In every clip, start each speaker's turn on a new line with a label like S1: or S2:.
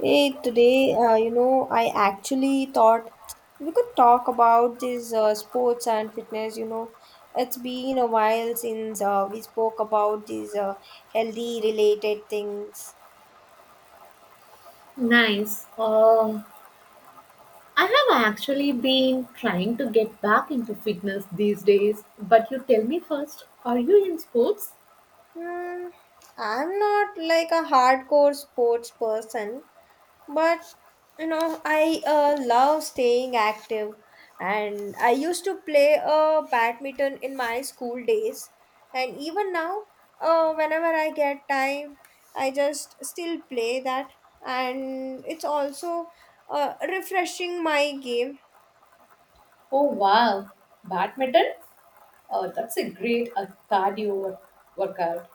S1: Hey, today, I actually thought we could talk about this sports and fitness. You know, it's been a while since we spoke about these healthy related things.
S2: Nice. I have actually been trying to get back into fitness these days, but you tell me first, are you in sports?
S1: Hmm, I'm not like a hardcore sports person, but you know I love staying active and I used to play badminton in my school days, and even now, whenever I get time I just still play that, and it's also refreshing my game.
S2: Oh wow, badminton? Oh, that's a great cardio workout.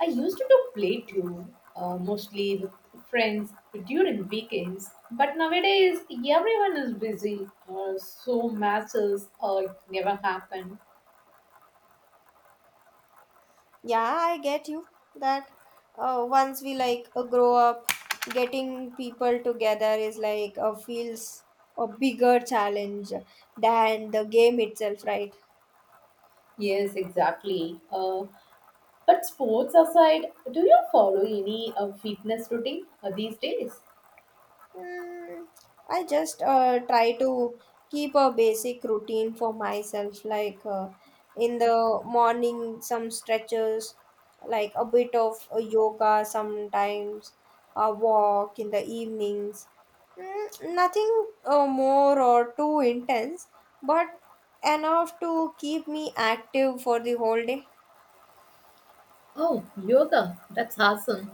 S2: I used to play too, mostly with friends during weekends. But nowadays, everyone is busy, so matches never happen.
S1: Yeah, I get you that once we grow up, getting people together is feels a bigger challenge than the game itself, right?
S2: Yes, exactly. But sports aside, do you follow any fitness routine these days?
S1: Mm, I just try to keep a basic routine for myself, in the morning, some stretches, like a bit of yoga sometimes, a walk in the evenings. Mm, nothing more or too intense, but enough to keep me active for the whole day.
S2: Oh, yoga, that's awesome.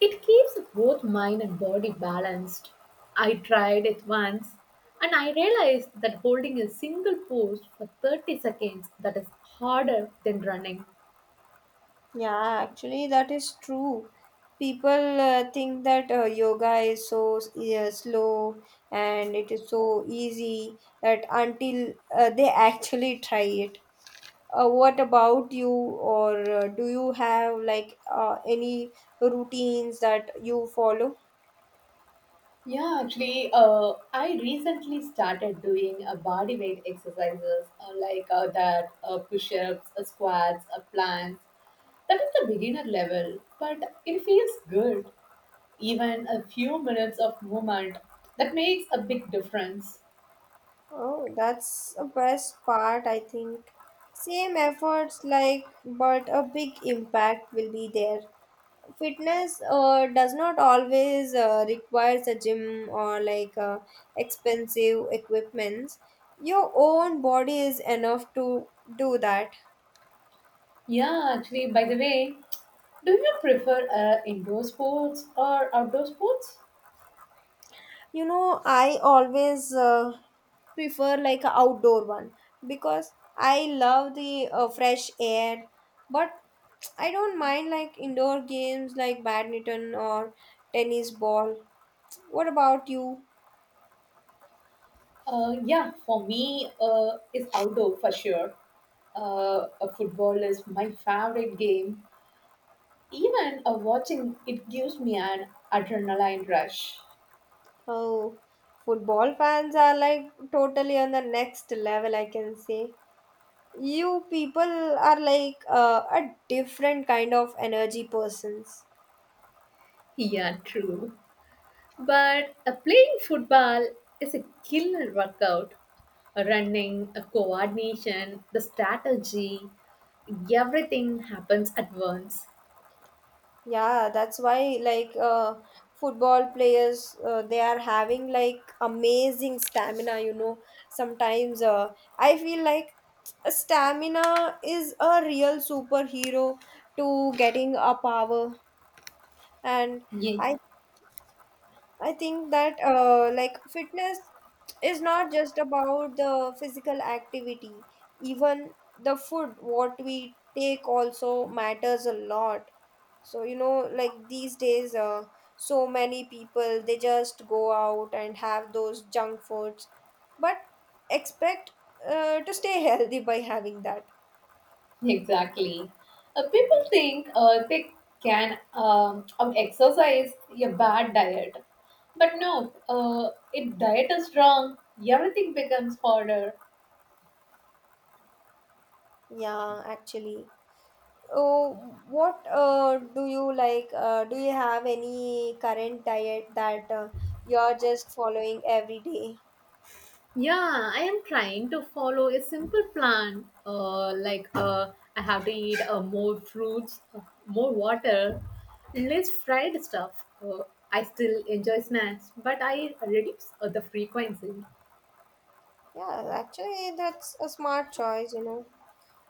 S2: It keeps both mind and body balanced. I tried it once and I realized that holding a single pose for 30 seconds that is harder than running.
S1: Yeah, actually, that is true. People think that yoga is so yeah, slow and it is so easy that until they actually try it. What about you, or do you have any routines that you follow?
S2: Yeah, actually, I recently started doing body weight exercises like that, push-ups, squats, planks. That is the beginner level, but it feels good. Even a few minutes of movement that makes a big difference.
S1: Oh, that's the best part, I think. Same efforts, like, but a big impact will be there. Fitness does not always requires a gym or expensive equipments. Your own body is enough to do that.
S2: Yeah, actually, by the way, do you prefer indoor sports or outdoor sports?
S1: You know, I always prefer like a outdoor one because I love the fresh air, but I don't mind like indoor games like badminton or tennis ball. What about you?
S2: Yeah, for me, it's outdoor for sure. Football is my favorite game. Even watching it gives me an adrenaline rush.
S1: Oh, football fans are like totally on the next level, I can say. You people are like a different kind of energy persons.
S2: Yeah, true. But playing football is a killer workout. Running, coordination, the strategy, everything happens at once.
S1: Yeah, that's why football players they are having like amazing stamina, you know. Sometimes I feel like stamina is a real superhero to getting a power, and
S2: Yeah,
S1: I I think that fitness is not just about the physical activity. Even the food, what we take, also matters a lot. So you know, like these days, so many people they just go out and have those junk foods, but expect to stay healthy by having that.
S2: exactly. People think they can exercise a bad diet, but no. If diet is wrong, everything becomes harder.
S1: Yeah, actually. Oh, what do you like? Do you have any current diet that you're just following every day?
S2: Yeah, I am trying to follow a simple plan. Like I have to eat more fruits, more water, less fried stuff. I still enjoy snacks, but I reduce the frequency.
S1: Yeah, actually, that's a smart choice, you know.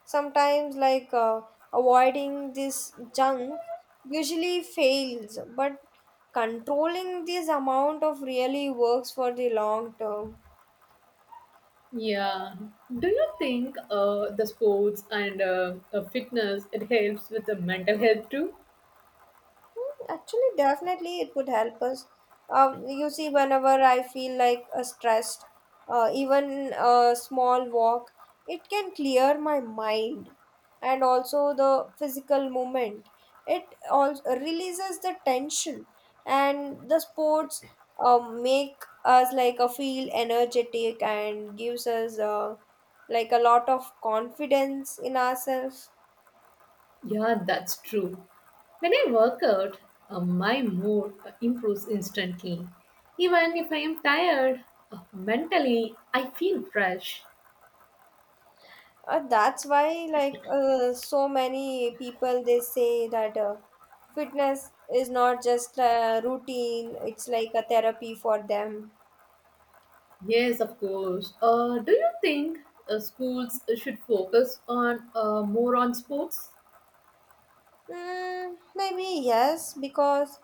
S1: Sometimes, like, avoiding this junk usually fails, but controlling this amount of really works for the long term.
S2: Yeah. Do you think the sports and fitness it helps with the mental health too?
S1: Mm, actually, definitely it would help us. You see, whenever I feel like stressed, even a small walk, it can clear my mind, and also the physical movement. It also releases the tension, and the sports make us like a feel energetic and gives us like a lot of confidence in ourselves.
S2: Yeah, that's true. When I work out, my mood improves instantly. Even if I am tired, mentally, I feel fresh.
S1: That's why, like, so many people they say that fitness is not just a routine; it's like a therapy for them.
S2: Yes, of course. Do you think schools should focus on more on sports?
S1: Mm, maybe yes, because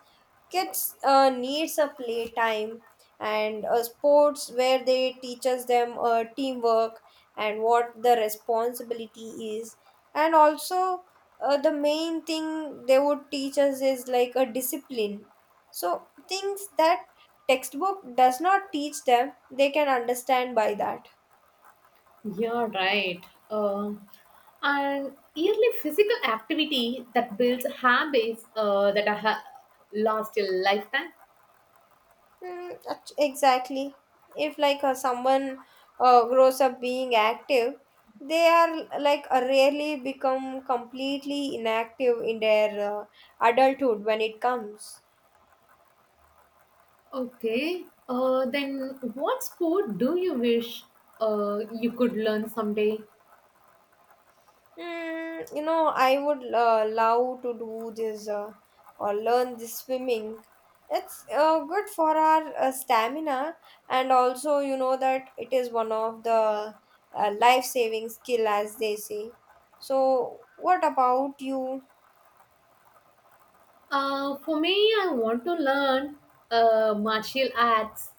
S1: kids needs a playtime, and sports where they teaches them teamwork and what the responsibility is, and also the main thing they would teach us is like a discipline. So things that textbook does not teach them, they can understand by that.
S2: Yeah, right. Uh, and yearly physical activity that builds habits that are last a lifetime.
S1: Mm, exactly. If someone grows up being active, they are rarely become completely inactive in their uh, adulthood when it comes.
S2: Okay. Then what sport do you wish you could learn someday?
S1: Mm, you know, I would love to do this or learn this swimming. It's good for our stamina, and also you know that it is one of the life-saving skill, as they say. So, what about you?
S2: For me, I want to learn martial arts,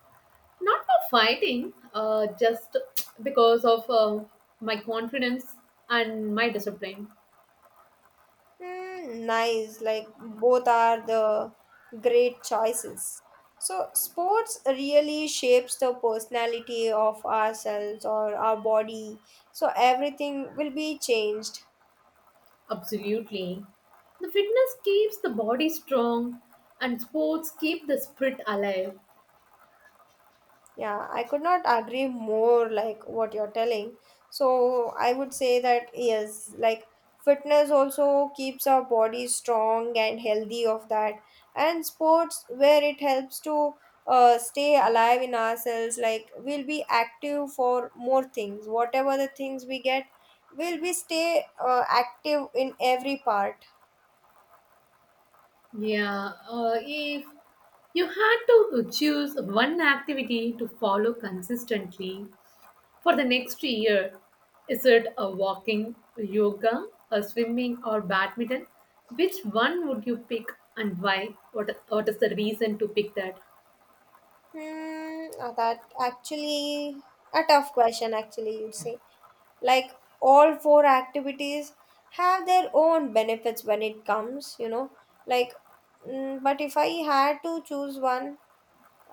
S2: not for fighting, just because of my confidence and my discipline.
S1: Mm, nice. Like both are the great choices. So sports really shapes the personality of ourselves or our body. So everything will be changed.
S2: Absolutely. The fitness keeps the body strong, and sports keep the spirit alive.
S1: Yeah, I could not agree more like what you're telling. So I would say that yes, like fitness also keeps our body strong and healthy of that. And sports where it helps to stay alive in ourselves, like we'll be active for more things. Whatever the things we get, we'll be stay active in every part.
S2: Yeah, if you had to choose one activity to follow consistently for the next year, is it a walking, yoga, a swimming, or badminton? Which one would you pick and why? What is the reason to pick that?
S1: Hmm, that actually a tough question actually you'd say. Like all four activities have their own benefits when it comes, you know, like mm, but if I had to choose one,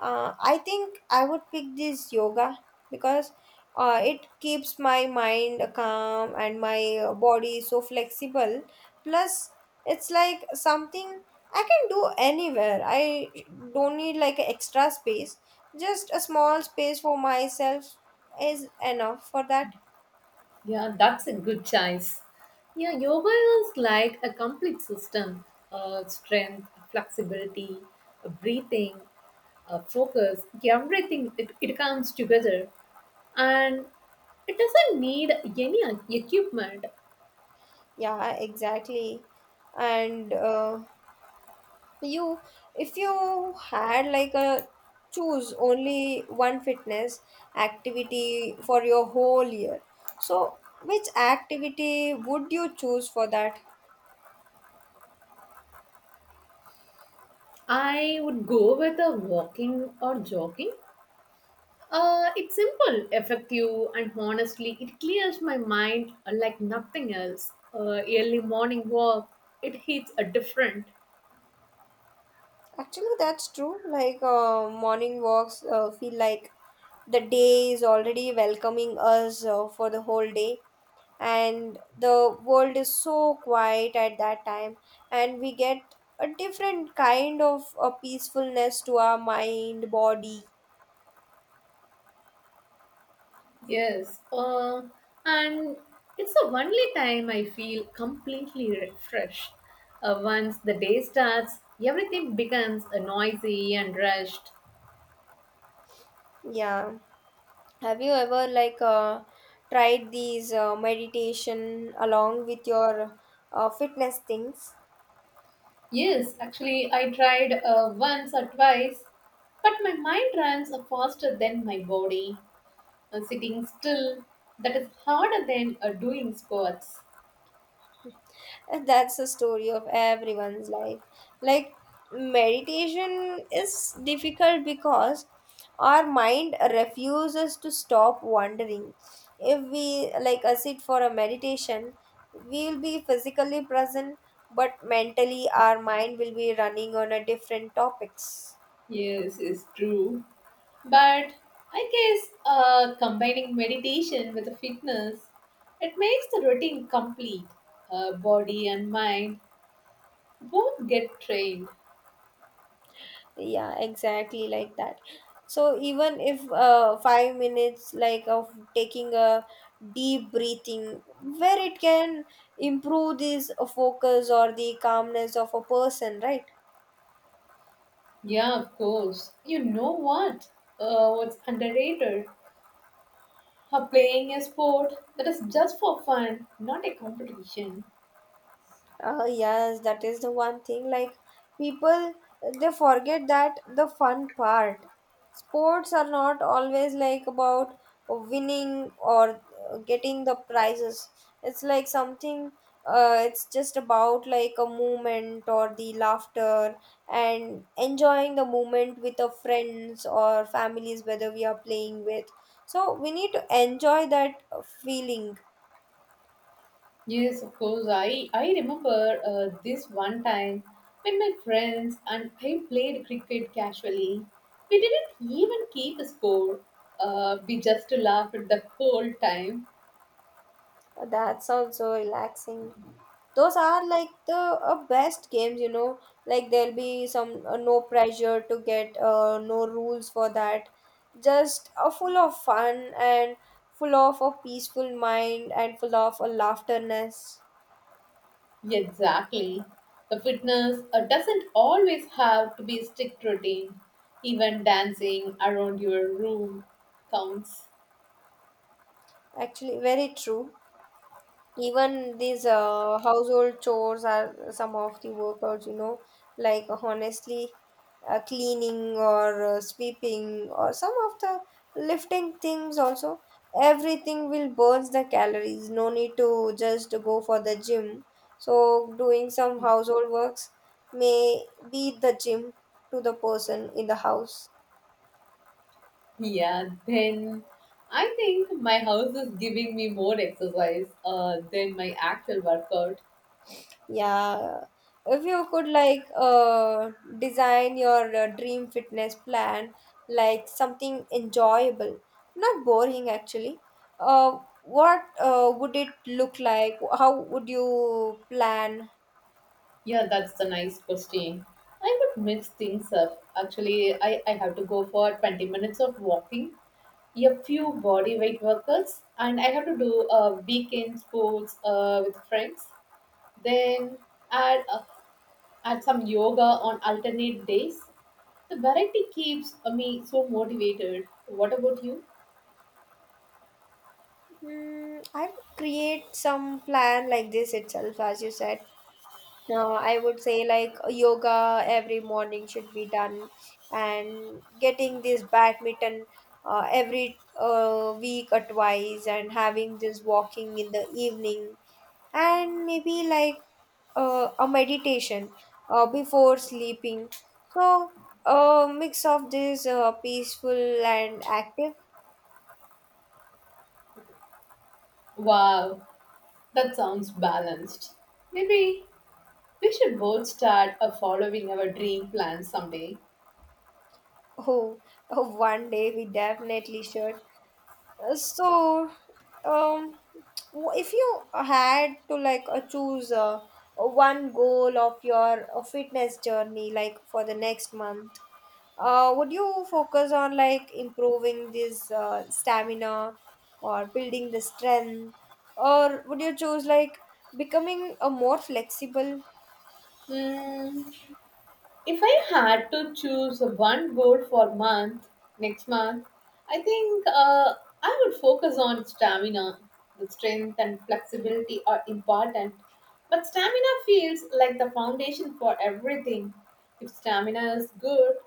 S1: I think I would pick this yoga because it keeps my mind calm and my body so flexible. Plus, it's like something I can do anywhere. I don't need like extra space, just a small space for myself is enough for that.
S2: Yeah, that's a good choice. Yeah, yoga is like a complete system: strength, flexibility, breathing, focus. Everything it comes together and it doesn't need any equipment.
S1: Yeah, exactly. And you, if you had like a choose only one fitness activity for your whole year, so which activity would you choose for that?
S2: I would go with a walking or jogging. It's simple, effective, and honestly, it clears my mind like nothing else. Early morning walk, it hits a different.
S1: Actually, that's true. Like morning walks feel like the day is already welcoming us for the whole day, and the world is so quiet at that time, and we get a different kind of a peacefulness to our mind body.
S2: Yes, and it's the only time I feel completely refreshed. Once the day starts, everything becomes noisy and rushed.
S1: Yeah, have you ever tried these meditation along with your fitness things?
S2: Yes, actually, I tried once or twice, but my mind runs faster than my body. Sitting still, that is harder than doing squats.
S1: And that's the story of everyone's life. Like, meditation is difficult because our mind refuses to stop wandering. If we sit for a meditation, we'll be physically present, but mentally our mind will be running on a different topics.
S2: Yes, it's true. But I guess combining meditation with the fitness, it makes the routine complete. Body and mind both get trained.
S1: Yeah, exactly like that. So even if 5 minutes like of taking a deep breathing where it can improve this focus or the calmness of a person, right?
S2: Yeah, of course. You know what? What's underrated? Or playing a sport that is just for fun, not a competition.
S1: Yes, that is the one thing. Like people, they forget that the fun part. Sports are not always like about winning or getting the prizes. It's like something. It's just about like a moment or the laughter and enjoying the moment with our friends or families, whether we are playing with. So we need to enjoy that feeling.
S2: Yes, of course. I remember this one time when my friends and I played cricket casually. We didn't even keep a score. We just laughed the whole time.
S1: That sounds so relaxing. Those are like the best games, you know. Like there'll be some no pressure to get, no rules for that. Just full of fun and full of a peaceful mind and full of a laughterness.
S2: Exactly. The fitness doesn't always have to be a strict routine. Even dancing around your room counts.
S1: Actually, very true. Even these household chores are some of the workouts, you know, like honestly, cleaning or sweeping or some of the lifting things also. Everything will burn the calories. No need to just go for the gym. So doing some household works may be the gym to the person in the house.
S2: Yeah, then I think my house is giving me more exercise than my actual workout.
S1: Yeah, if you could design your dream fitness plan, like something enjoyable, not boring actually. What would it look like? How would you plan?
S2: Yeah, that's a nice question. I would mix things up. Actually, I have to go for 20 minutes of walking, a few body weight workouts, and I have to do weekend sports with friends. Then add, uh, add some yoga on alternate days. The variety keeps me so motivated. What about you?
S1: Hmm, I would create some plan like this itself, as you said. I would say like yoga every morning should be done, and getting this badminton every week or twice, and having this walking in the evening, and maybe like a meditation before sleeping. So a mix of this peaceful and active.
S2: Wow, that sounds balanced. Maybe we should both start following our dream plans someday.
S1: Oh, one day we definitely should. So, um, if you had to choose one goal of your fitness journey, like for the next month, would you focus on like improving this stamina or building the strength, or would you choose like becoming a more flexible?
S2: Hmm. If I had to choose one goal next month, I think I would focus on stamina. The strength and flexibility are important, but stamina feels like the foundation for everything. If stamina is good,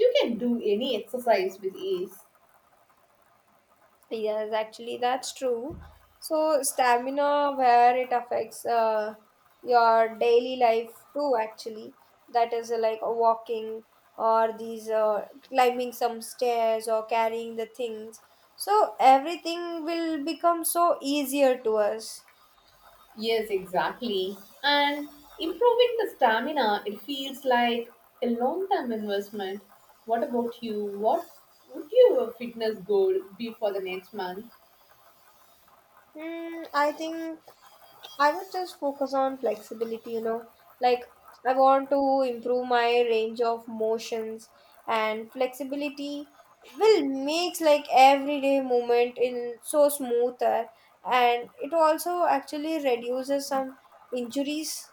S2: you can do any exercise with ease.
S1: Yes, actually, that's true. So, stamina, where it affects your daily life too, actually. That is like walking or these climbing some stairs or carrying the things. So, everything will become so easier to us.
S2: Yes, exactly. And improving the stamina, it feels like a long term investment. What about you? What would your fitness goal be for the next month?
S1: Hmm, I think I would just focus on flexibility, you know, like I want to improve my range of motions, and flexibility will makes like everyday movement in so smoother, and it also actually reduces some injuries.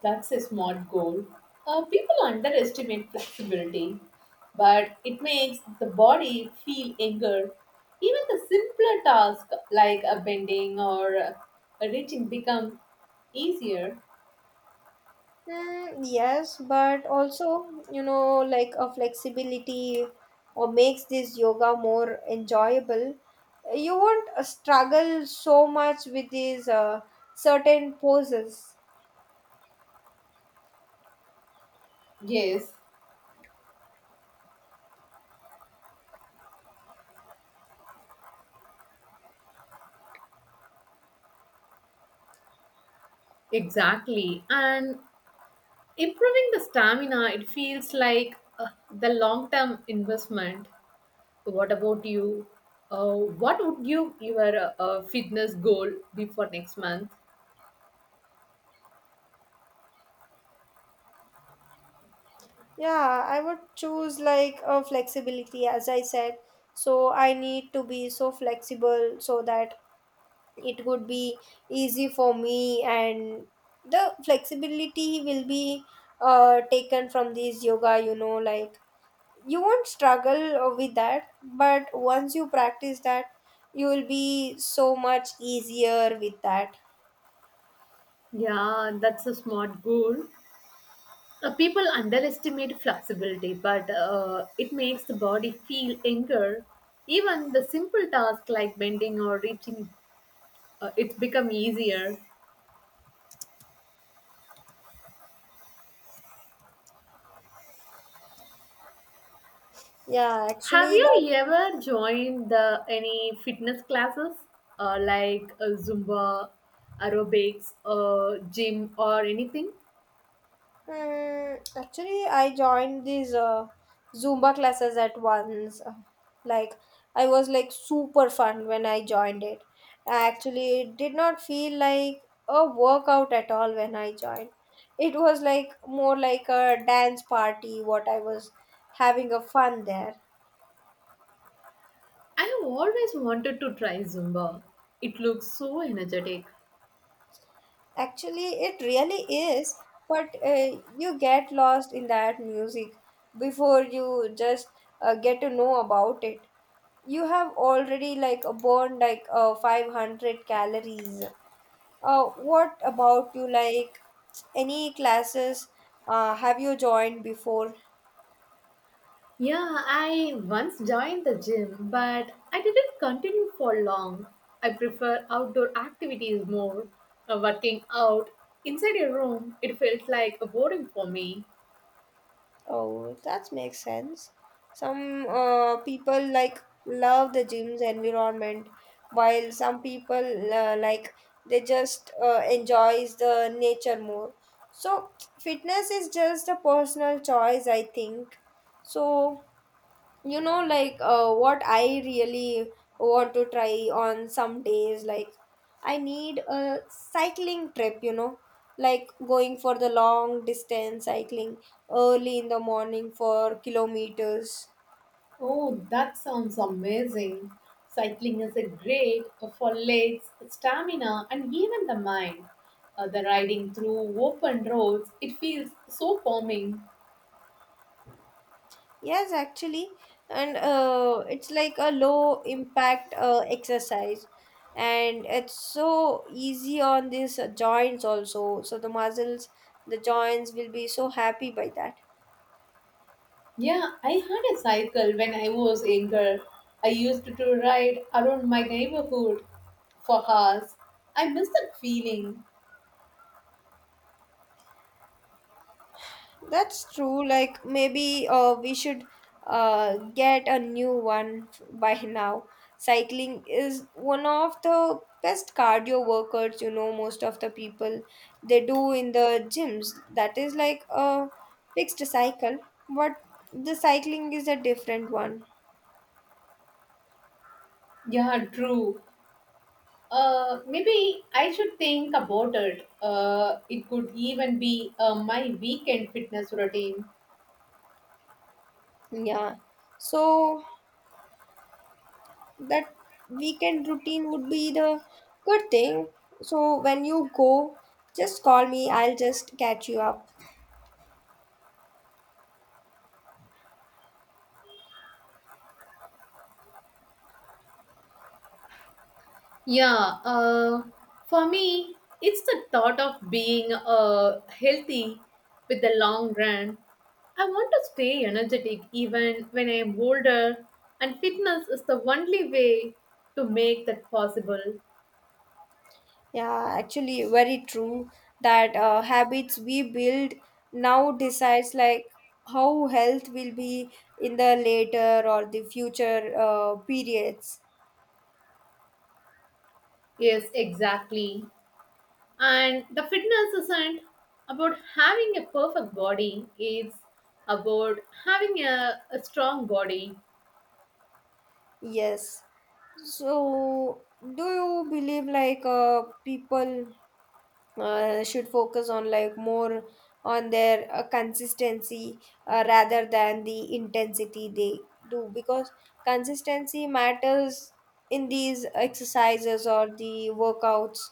S2: That's a smart goal. People underestimate flexibility, but it makes the body feel younger. Even the simpler tasks like a bending or reaching become easier.
S1: Mm, yes, but also, you know, like a flexibility or makes this yoga more enjoyable. You won't struggle so much with these certain poses.
S2: Yes, exactly. And improving the stamina, it feels like the long term investment. What about you? What would your fitness goal be for next month?
S1: Yeah, I would choose like a flexibility, as I said. So I need to be so flexible so that it would be easy for me, and the flexibility will be taken from these yoga, you know, like you won't struggle with that, but once you practice that you will be so much easier with that.
S2: Yeah, that's a smart goal. People underestimate flexibility, but it makes the body feel younger. Even the simple tasks like bending or reaching, it's become easier.
S1: Yeah,
S2: Have
S1: actually that.
S2: you ever joined any fitness classes like Zumba, aerobics, gym, or anything?
S1: Hmm, actually I joined these Zumba classes at once. Like I was like super fun when I joined it. Actually, it did not feel like a workout at all when I joined. It was like more like a dance party what I was having a fun there.
S2: I have always wanted to try Zumba. It looks so energetic.
S1: Actually, it really is, but you get lost in that music before you just get to know about it. You have already burned 500 calories. What about you? Like any classes have you joined before?
S2: Yeah, I once joined the gym, but I didn't continue for long. I prefer outdoor activities more. Working out inside a room, it felt like boring for me.
S1: Oh, that makes sense. Some people like love the gym's environment, while some people like they just enjoys the nature more. So fitness is just a personal choice, I think. So what I really want to try on some days like I need a cycling trip, like going for the long distance cycling early in the morning for kilometers.
S2: Oh, that sounds amazing. Cycling is a great for legs, stamina, and even the mind. The riding through open roads, it feels so calming.
S1: Yes, actually, and it's like a low impact exercise, and it's so easy on these joints also, so the muscles, the joints will be so happy by that.
S2: Yeah, I had a cycle when I was younger. I used to ride around my neighborhood for hours. I miss that feeling.
S1: That's true. Like maybe we should get a new one by now. Cycling is one of the best cardio workouts, most of the people they do in the gyms. That is like a fixed cycle, but the cycling is a different one.
S2: Yeah, true. Maybe I should think about it. It could even be my weekend fitness routine.
S1: Yeah. So that weekend routine would be the good thing. So when you go, just call me. I'll just catch you up.
S2: Yeah, for me, it's the thought of being healthy with the long run. I want to stay energetic even when I am older, and fitness is the only way to make that possible.
S1: Yeah, actually, very true that habits we build now decides like how health will be in the later or the future periods.
S2: Yes, exactly. And the fitness isn't about having a perfect body, it's about having a strong body.
S1: Yes. So, do you believe like people? Should focus on like more on their consistency rather than the intensity they do, because consistency matters in these exercises or the workouts?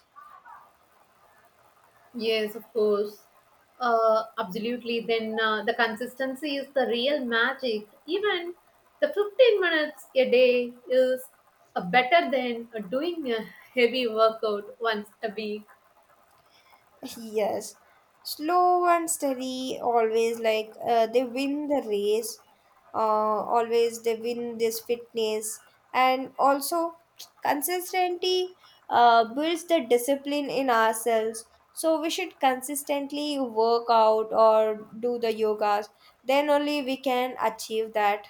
S2: Yes, of course. Absolutely. Then the consistency is the real magic. Even the 15 minutes a day is better than doing a heavy workout once a week.
S1: Yes, slow and steady always like they win the race. Always they win this fitness, and also consistency builds the discipline in ourselves. So we should consistently work out or do the yogas. Then only we can achieve that.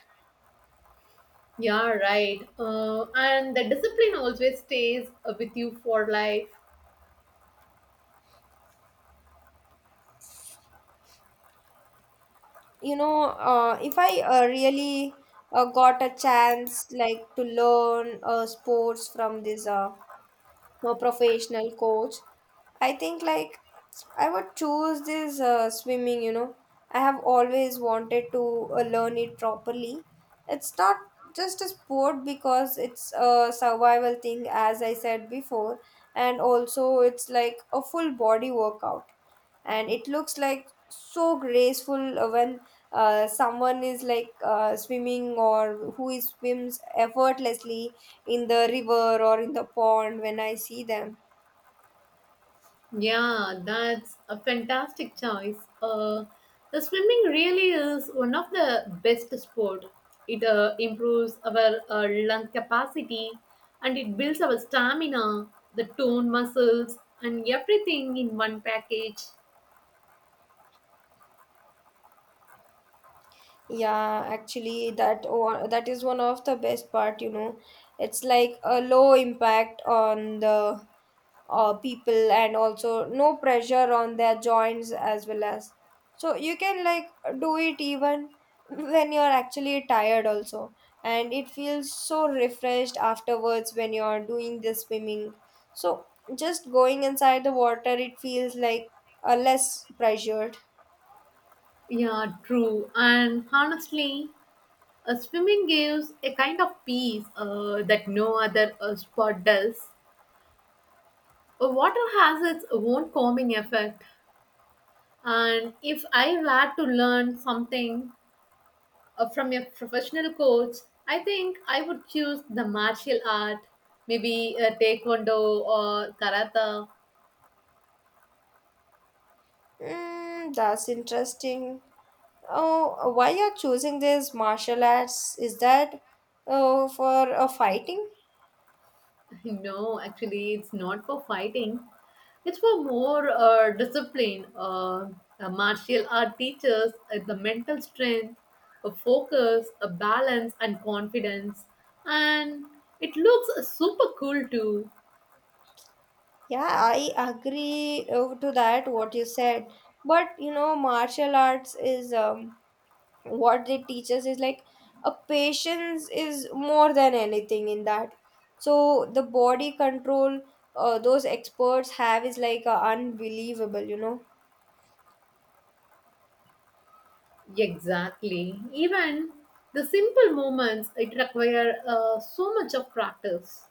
S2: Yeah, right. And the discipline always stays with you for life.
S1: If I really got a chance like to learn sports from this. A professional coach, I think like I would choose this swimming. I have always wanted to learn it properly. It's not just a sport, because it's a survival thing, as I said before. And also it's like a full body workout, and it looks like so graceful when someone is like swimming, or who is swims effortlessly in the river or in the pond, when I see them.
S2: Yeah, that's a fantastic choice. The swimming really is one of the best sport. It improves our lung capacity and it builds our stamina, the tone muscles, and everything in one package.
S1: Yeah, actually, that is one of the best part, it's like a low impact on the people, and also no pressure on their joints as well. As so you can like do it even when you're actually tired also, and it feels so refreshed afterwards when you're doing the swimming. So just going inside the water, it feels like less pressured.
S2: Yeah, true. And honestly, swimming gives a kind of peace that no other sport does. Water has its own calming effect. And if I had to learn something from a professional coach, I think I would choose the martial art, maybe taekwondo or karate.
S1: Mm, that's interesting. Oh, why you're choosing this martial arts? Is that for a fighting?
S2: No, actually, it's not for fighting. It's for more discipline. Martial art teaches the mental strength, a focus, a balance, and confidence. And it looks super cool too.
S1: Yeah, I agree to that what you said. But you know, martial arts is what they teach us is like a patience is more than anything in that. So the body control those experts have is like unbelievable, you know.
S2: Exactly. Even the simple movements, it require so much of practice.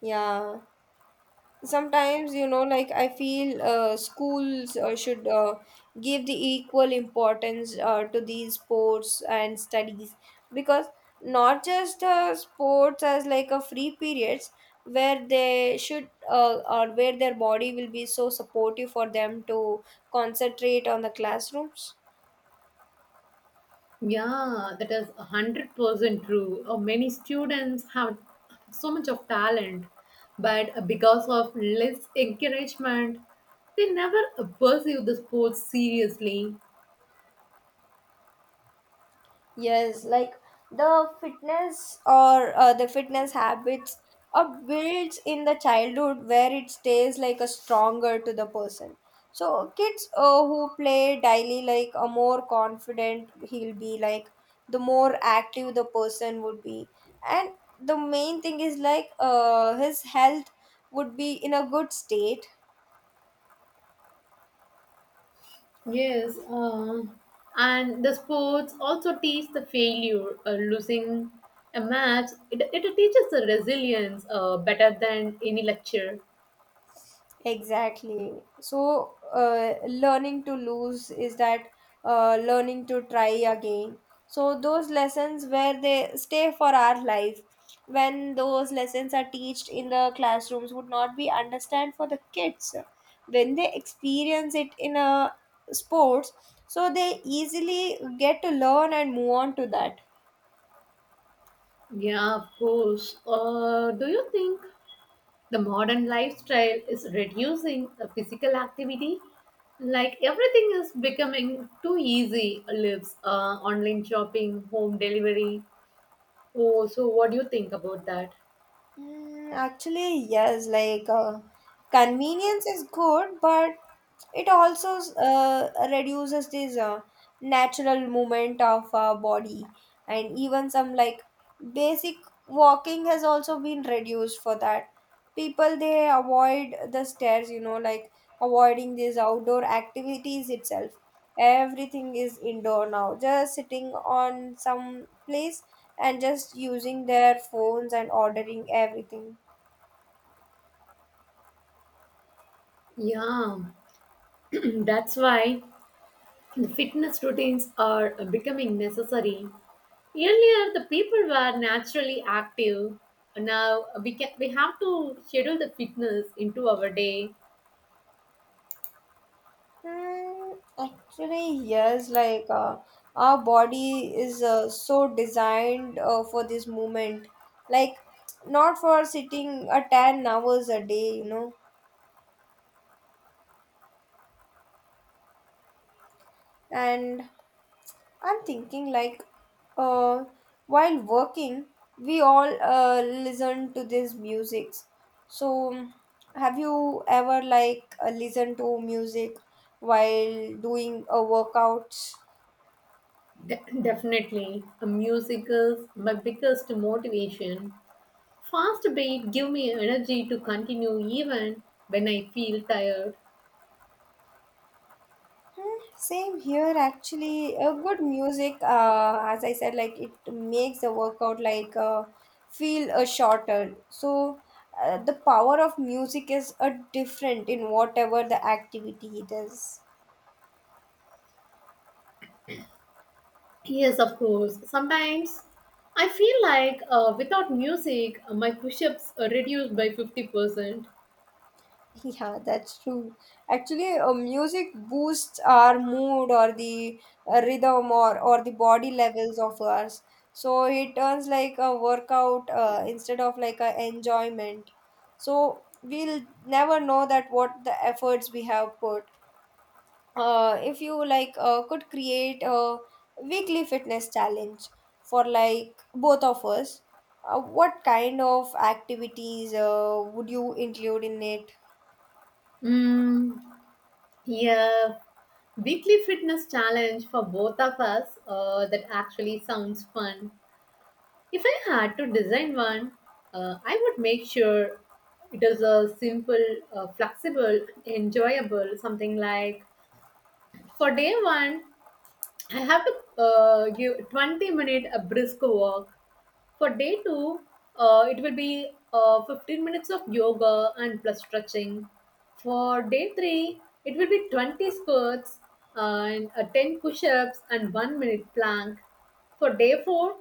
S1: Yeah. Sometimes, you know, like I feel schools should give the equal importance to these sports and studies. Because not just sports as like a free periods, where they should or where their body will be so supportive for them to concentrate on the classrooms.
S2: Yeah, that is a 100% true. Many students have so much of talent, but because of less encouragement, they never pursue the sports seriously.
S1: Yes, like the fitness or the fitness habits are built in the childhood, where it stays like a stronger to the person. So kids who play daily like a more confident, he'll be like the more active the person would be, and the main thing is like his health would be in a good state.
S2: Yes, and the sports also teach the failure, losing a match. It teaches the resilience better than any lecture.
S1: Exactly. So, learning to lose is that learning to try again. So, those lessons where they stay for our life, when those lessons are taught in the classrooms, would not be understand for the kids. When they experience it in a sports, so they easily get to learn and move on to that.
S2: Yeah, of course. Do you think the modern lifestyle is reducing the physical activity? Like everything is becoming too easy. Lives, online shopping, home delivery. Oh, so what do you think about that?
S1: Mm, actually, yes, like convenience is good, but it also reduces this natural movement of our body, and even some like basic walking has also been reduced for that. People, they avoid the stairs, you know, like avoiding these outdoor activities itself. Everything is indoor now, just sitting on some place and just using their phones and ordering everything.
S2: Yeah, that's why the fitness routines are becoming necessary. Earlier, the people were naturally active. Now we have to schedule the fitness into our day.
S1: Hmm, actually, yes, like our body is so designed for this movement, like not for sitting a 10 hours a day, you know. And I'm thinking, like, uh, while working, we all listen to this music. So, have you ever like listened to music while doing a workout?
S2: Definitely, a music is my biggest motivation. Fast beat give me energy to continue even when I feel tired.
S1: Hmm, same here, actually. Good music, as I said, like it makes the workout like feel shorter. So the power of music is different in whatever the activity it is.
S2: Yes, of course. Sometimes I feel like without music, my push-ups are reduced by 50%.
S1: Yeah, that's true. Actually, music boosts our mood, or the rhythm, or the body levels of ours. So it turns like a workout instead of like a enjoyment. So we'll never know that what the efforts we have put. If you like could create a weekly fitness challenge for like both of us, what kind of activities would you include in it?
S2: Mm, yeah, weekly fitness challenge for both of us. That actually sounds fun. If I had to design one, I would make sure it is a simple, flexible, enjoyable, something like for day one, I have to give 20 minute a brisk walk for day two, it will be 15 minutes of yoga and plus stretching. For day three, it will be 20 squats and 10 push ups and 1 minute plank. For day four,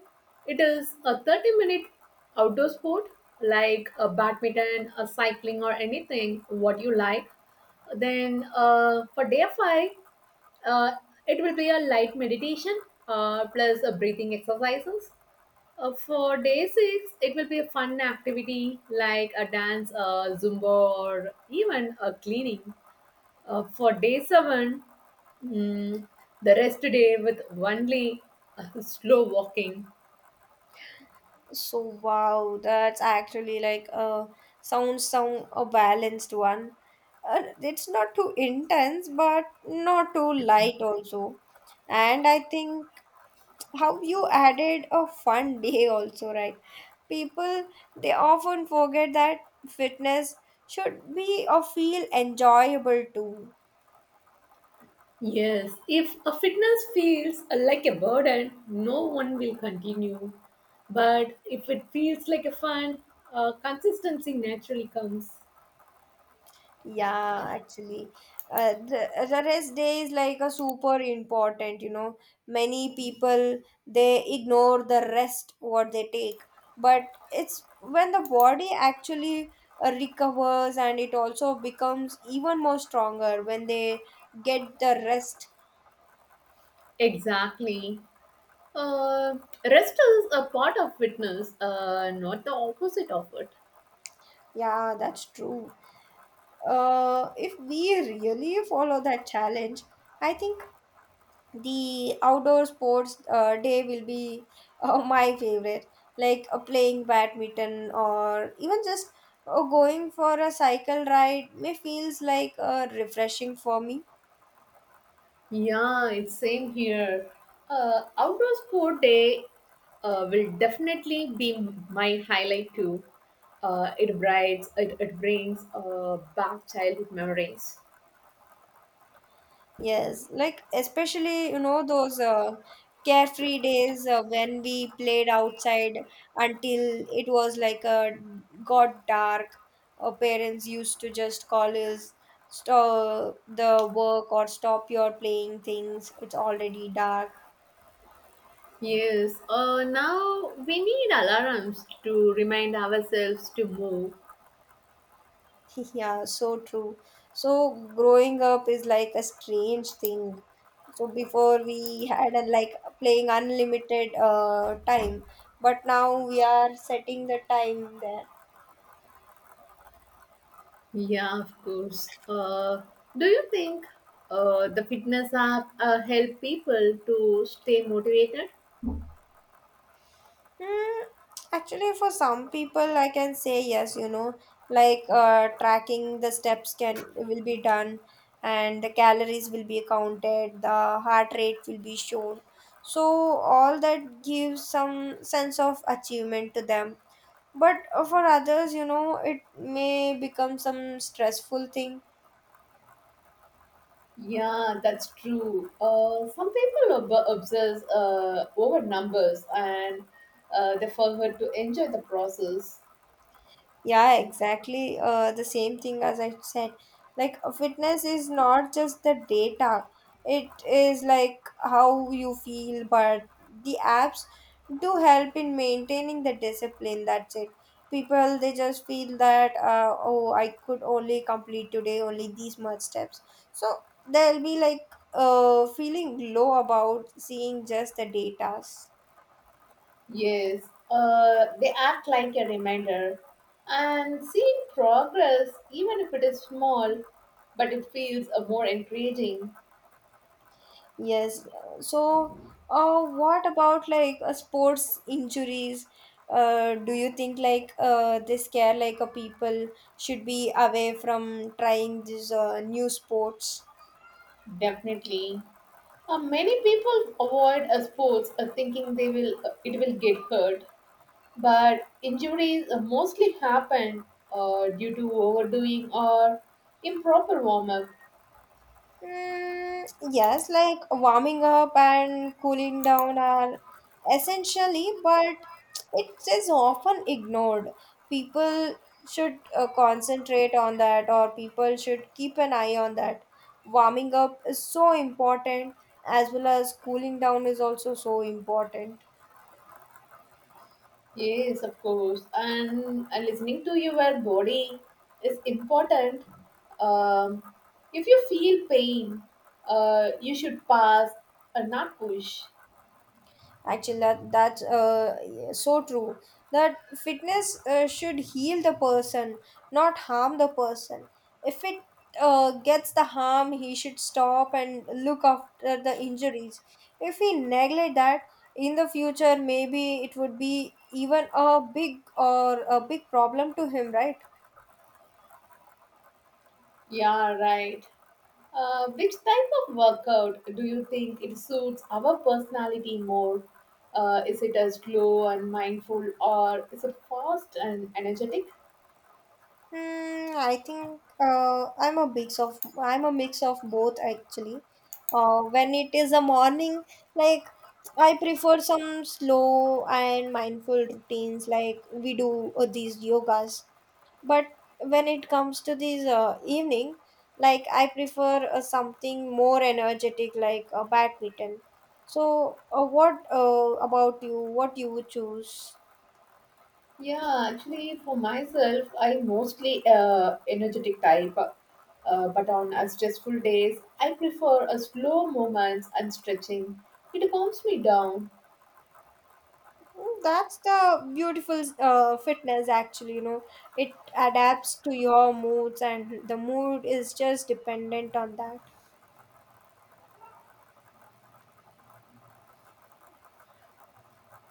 S2: it is a 30-minute outdoor sport like a badminton, a cycling, or anything what you like. Then for day five, uh, it will be a light meditation plus a breathing exercises for day six, it will be a fun activity like a dance, a zumba, or even a cleaning. For day seven, mm, the rest day with only slow walking.
S1: So wow, that's actually like a sounds some a balanced one. It's not too intense, but not too light also. And I think how you added a fun day also, right? People, they often forget that fitness should be or feel enjoyable too.
S2: Yes, if a fitness feels like a burden, no one will continue. But if it feels like a fun, consistency naturally comes.
S1: Yeah, actually, the rest day is like a super important, you know. Many people, they ignore the rest what they take, but it's when the body actually recovers, and it also becomes even more stronger when they get the rest.
S2: Exactly. Uh, Rest is a part of fitness, not the opposite of it.
S1: Yeah, that's true. If we really follow that challenge, I think the outdoor sports day will be my favorite, like playing badminton, or even just going for a cycle ride may feels like refreshing for me.
S2: Yeah, it's same here. Outdoor sport day will definitely be my highlight too. It brings back childhood memories.
S1: Yes, like especially, you know, those carefree days when we played outside until it was like got dark. Our parents used to just call us, stop the work or stop your playing things. It's already dark.
S2: Yes. Now we need alarms to remind ourselves to move.
S1: Yeah, so true. So growing up is like a strange thing. So before we had a, like playing unlimited time, but now we are setting the time there.
S2: Yeah, of course. Do you think the fitness app help people to stay motivated?
S1: Hmm, actually for some people I can say yes, you know, like tracking the steps can will be done, and the calories will be counted, the heart rate will be shown. So all that gives some sense of achievement to them, but for others, you know, it may become some stressful thing.
S2: Yeah, that's true. Some people obsess over numbers and they forget to enjoy the process.
S1: Yeah, exactly. The same thing as I said. Like, a fitness is not just the data, it is like how you feel, but the apps do help in maintaining the discipline. That's it. People, they just feel that, oh, I could only complete today only these much steps. So they'll be like feeling low about seeing just the data.
S2: Yes, they act like a reminder. And seeing progress, even if it is small, but it feels more encouraging.
S1: Yes. So, what about like sports injuries? Do you think like they scare like a people should be away from trying these new sports?
S2: Definitely. Many people avoid sports thinking they will it will get hurt, but injuries mostly happen due to overdoing or improper warm up.
S1: Mm, yes, like warming up and cooling down are essentially, but it is often ignored. People should concentrate on that, or people should keep an eye on that. Warming up is so important, as well as cooling down is also so important.
S2: Yes, of course. And listening to your body is important. Um, if you feel pain, you should pass and not push.
S1: Actually, that's so true. That fitness should heal the person, not harm the person. If it gets the harm, he should stop and look after the injuries. If we neglect that, in the future, maybe it would be even a big problem to him, right?
S2: Yeah, right. Which type of workout do you think it suits our personality more? Is it a slow and mindful, or is it fast and energetic?
S1: Hmm, I think I'm a mix of both, actually. When it is a morning, like I prefer some slow and mindful routines, like we do these yogas. But when it comes to these evening, like I prefer something more energetic, like badminton. So, what about you? What you would choose?
S2: Yeah, actually, for myself, I mostly energetic type, but on a stressful days, I prefer a slow movements and stretching. It calms me down.
S1: Mm, that's the beautiful fitness, actually. You know, it adapts to your moods, and the mood is just dependent on that.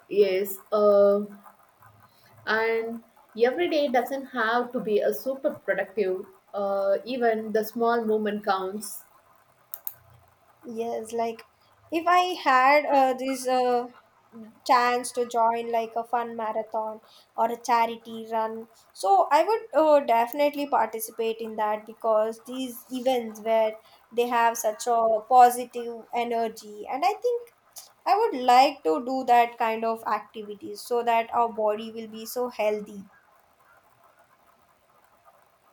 S2: Yes, and every day doesn't have to be a super productive even the small movement counts
S1: Yes, like if I had this chance to join like a fun marathon or a charity run, so I would definitely participate in that, because these events where they have such a positive energy, and I think I would like to do that kind of activities so that our body will be so healthy.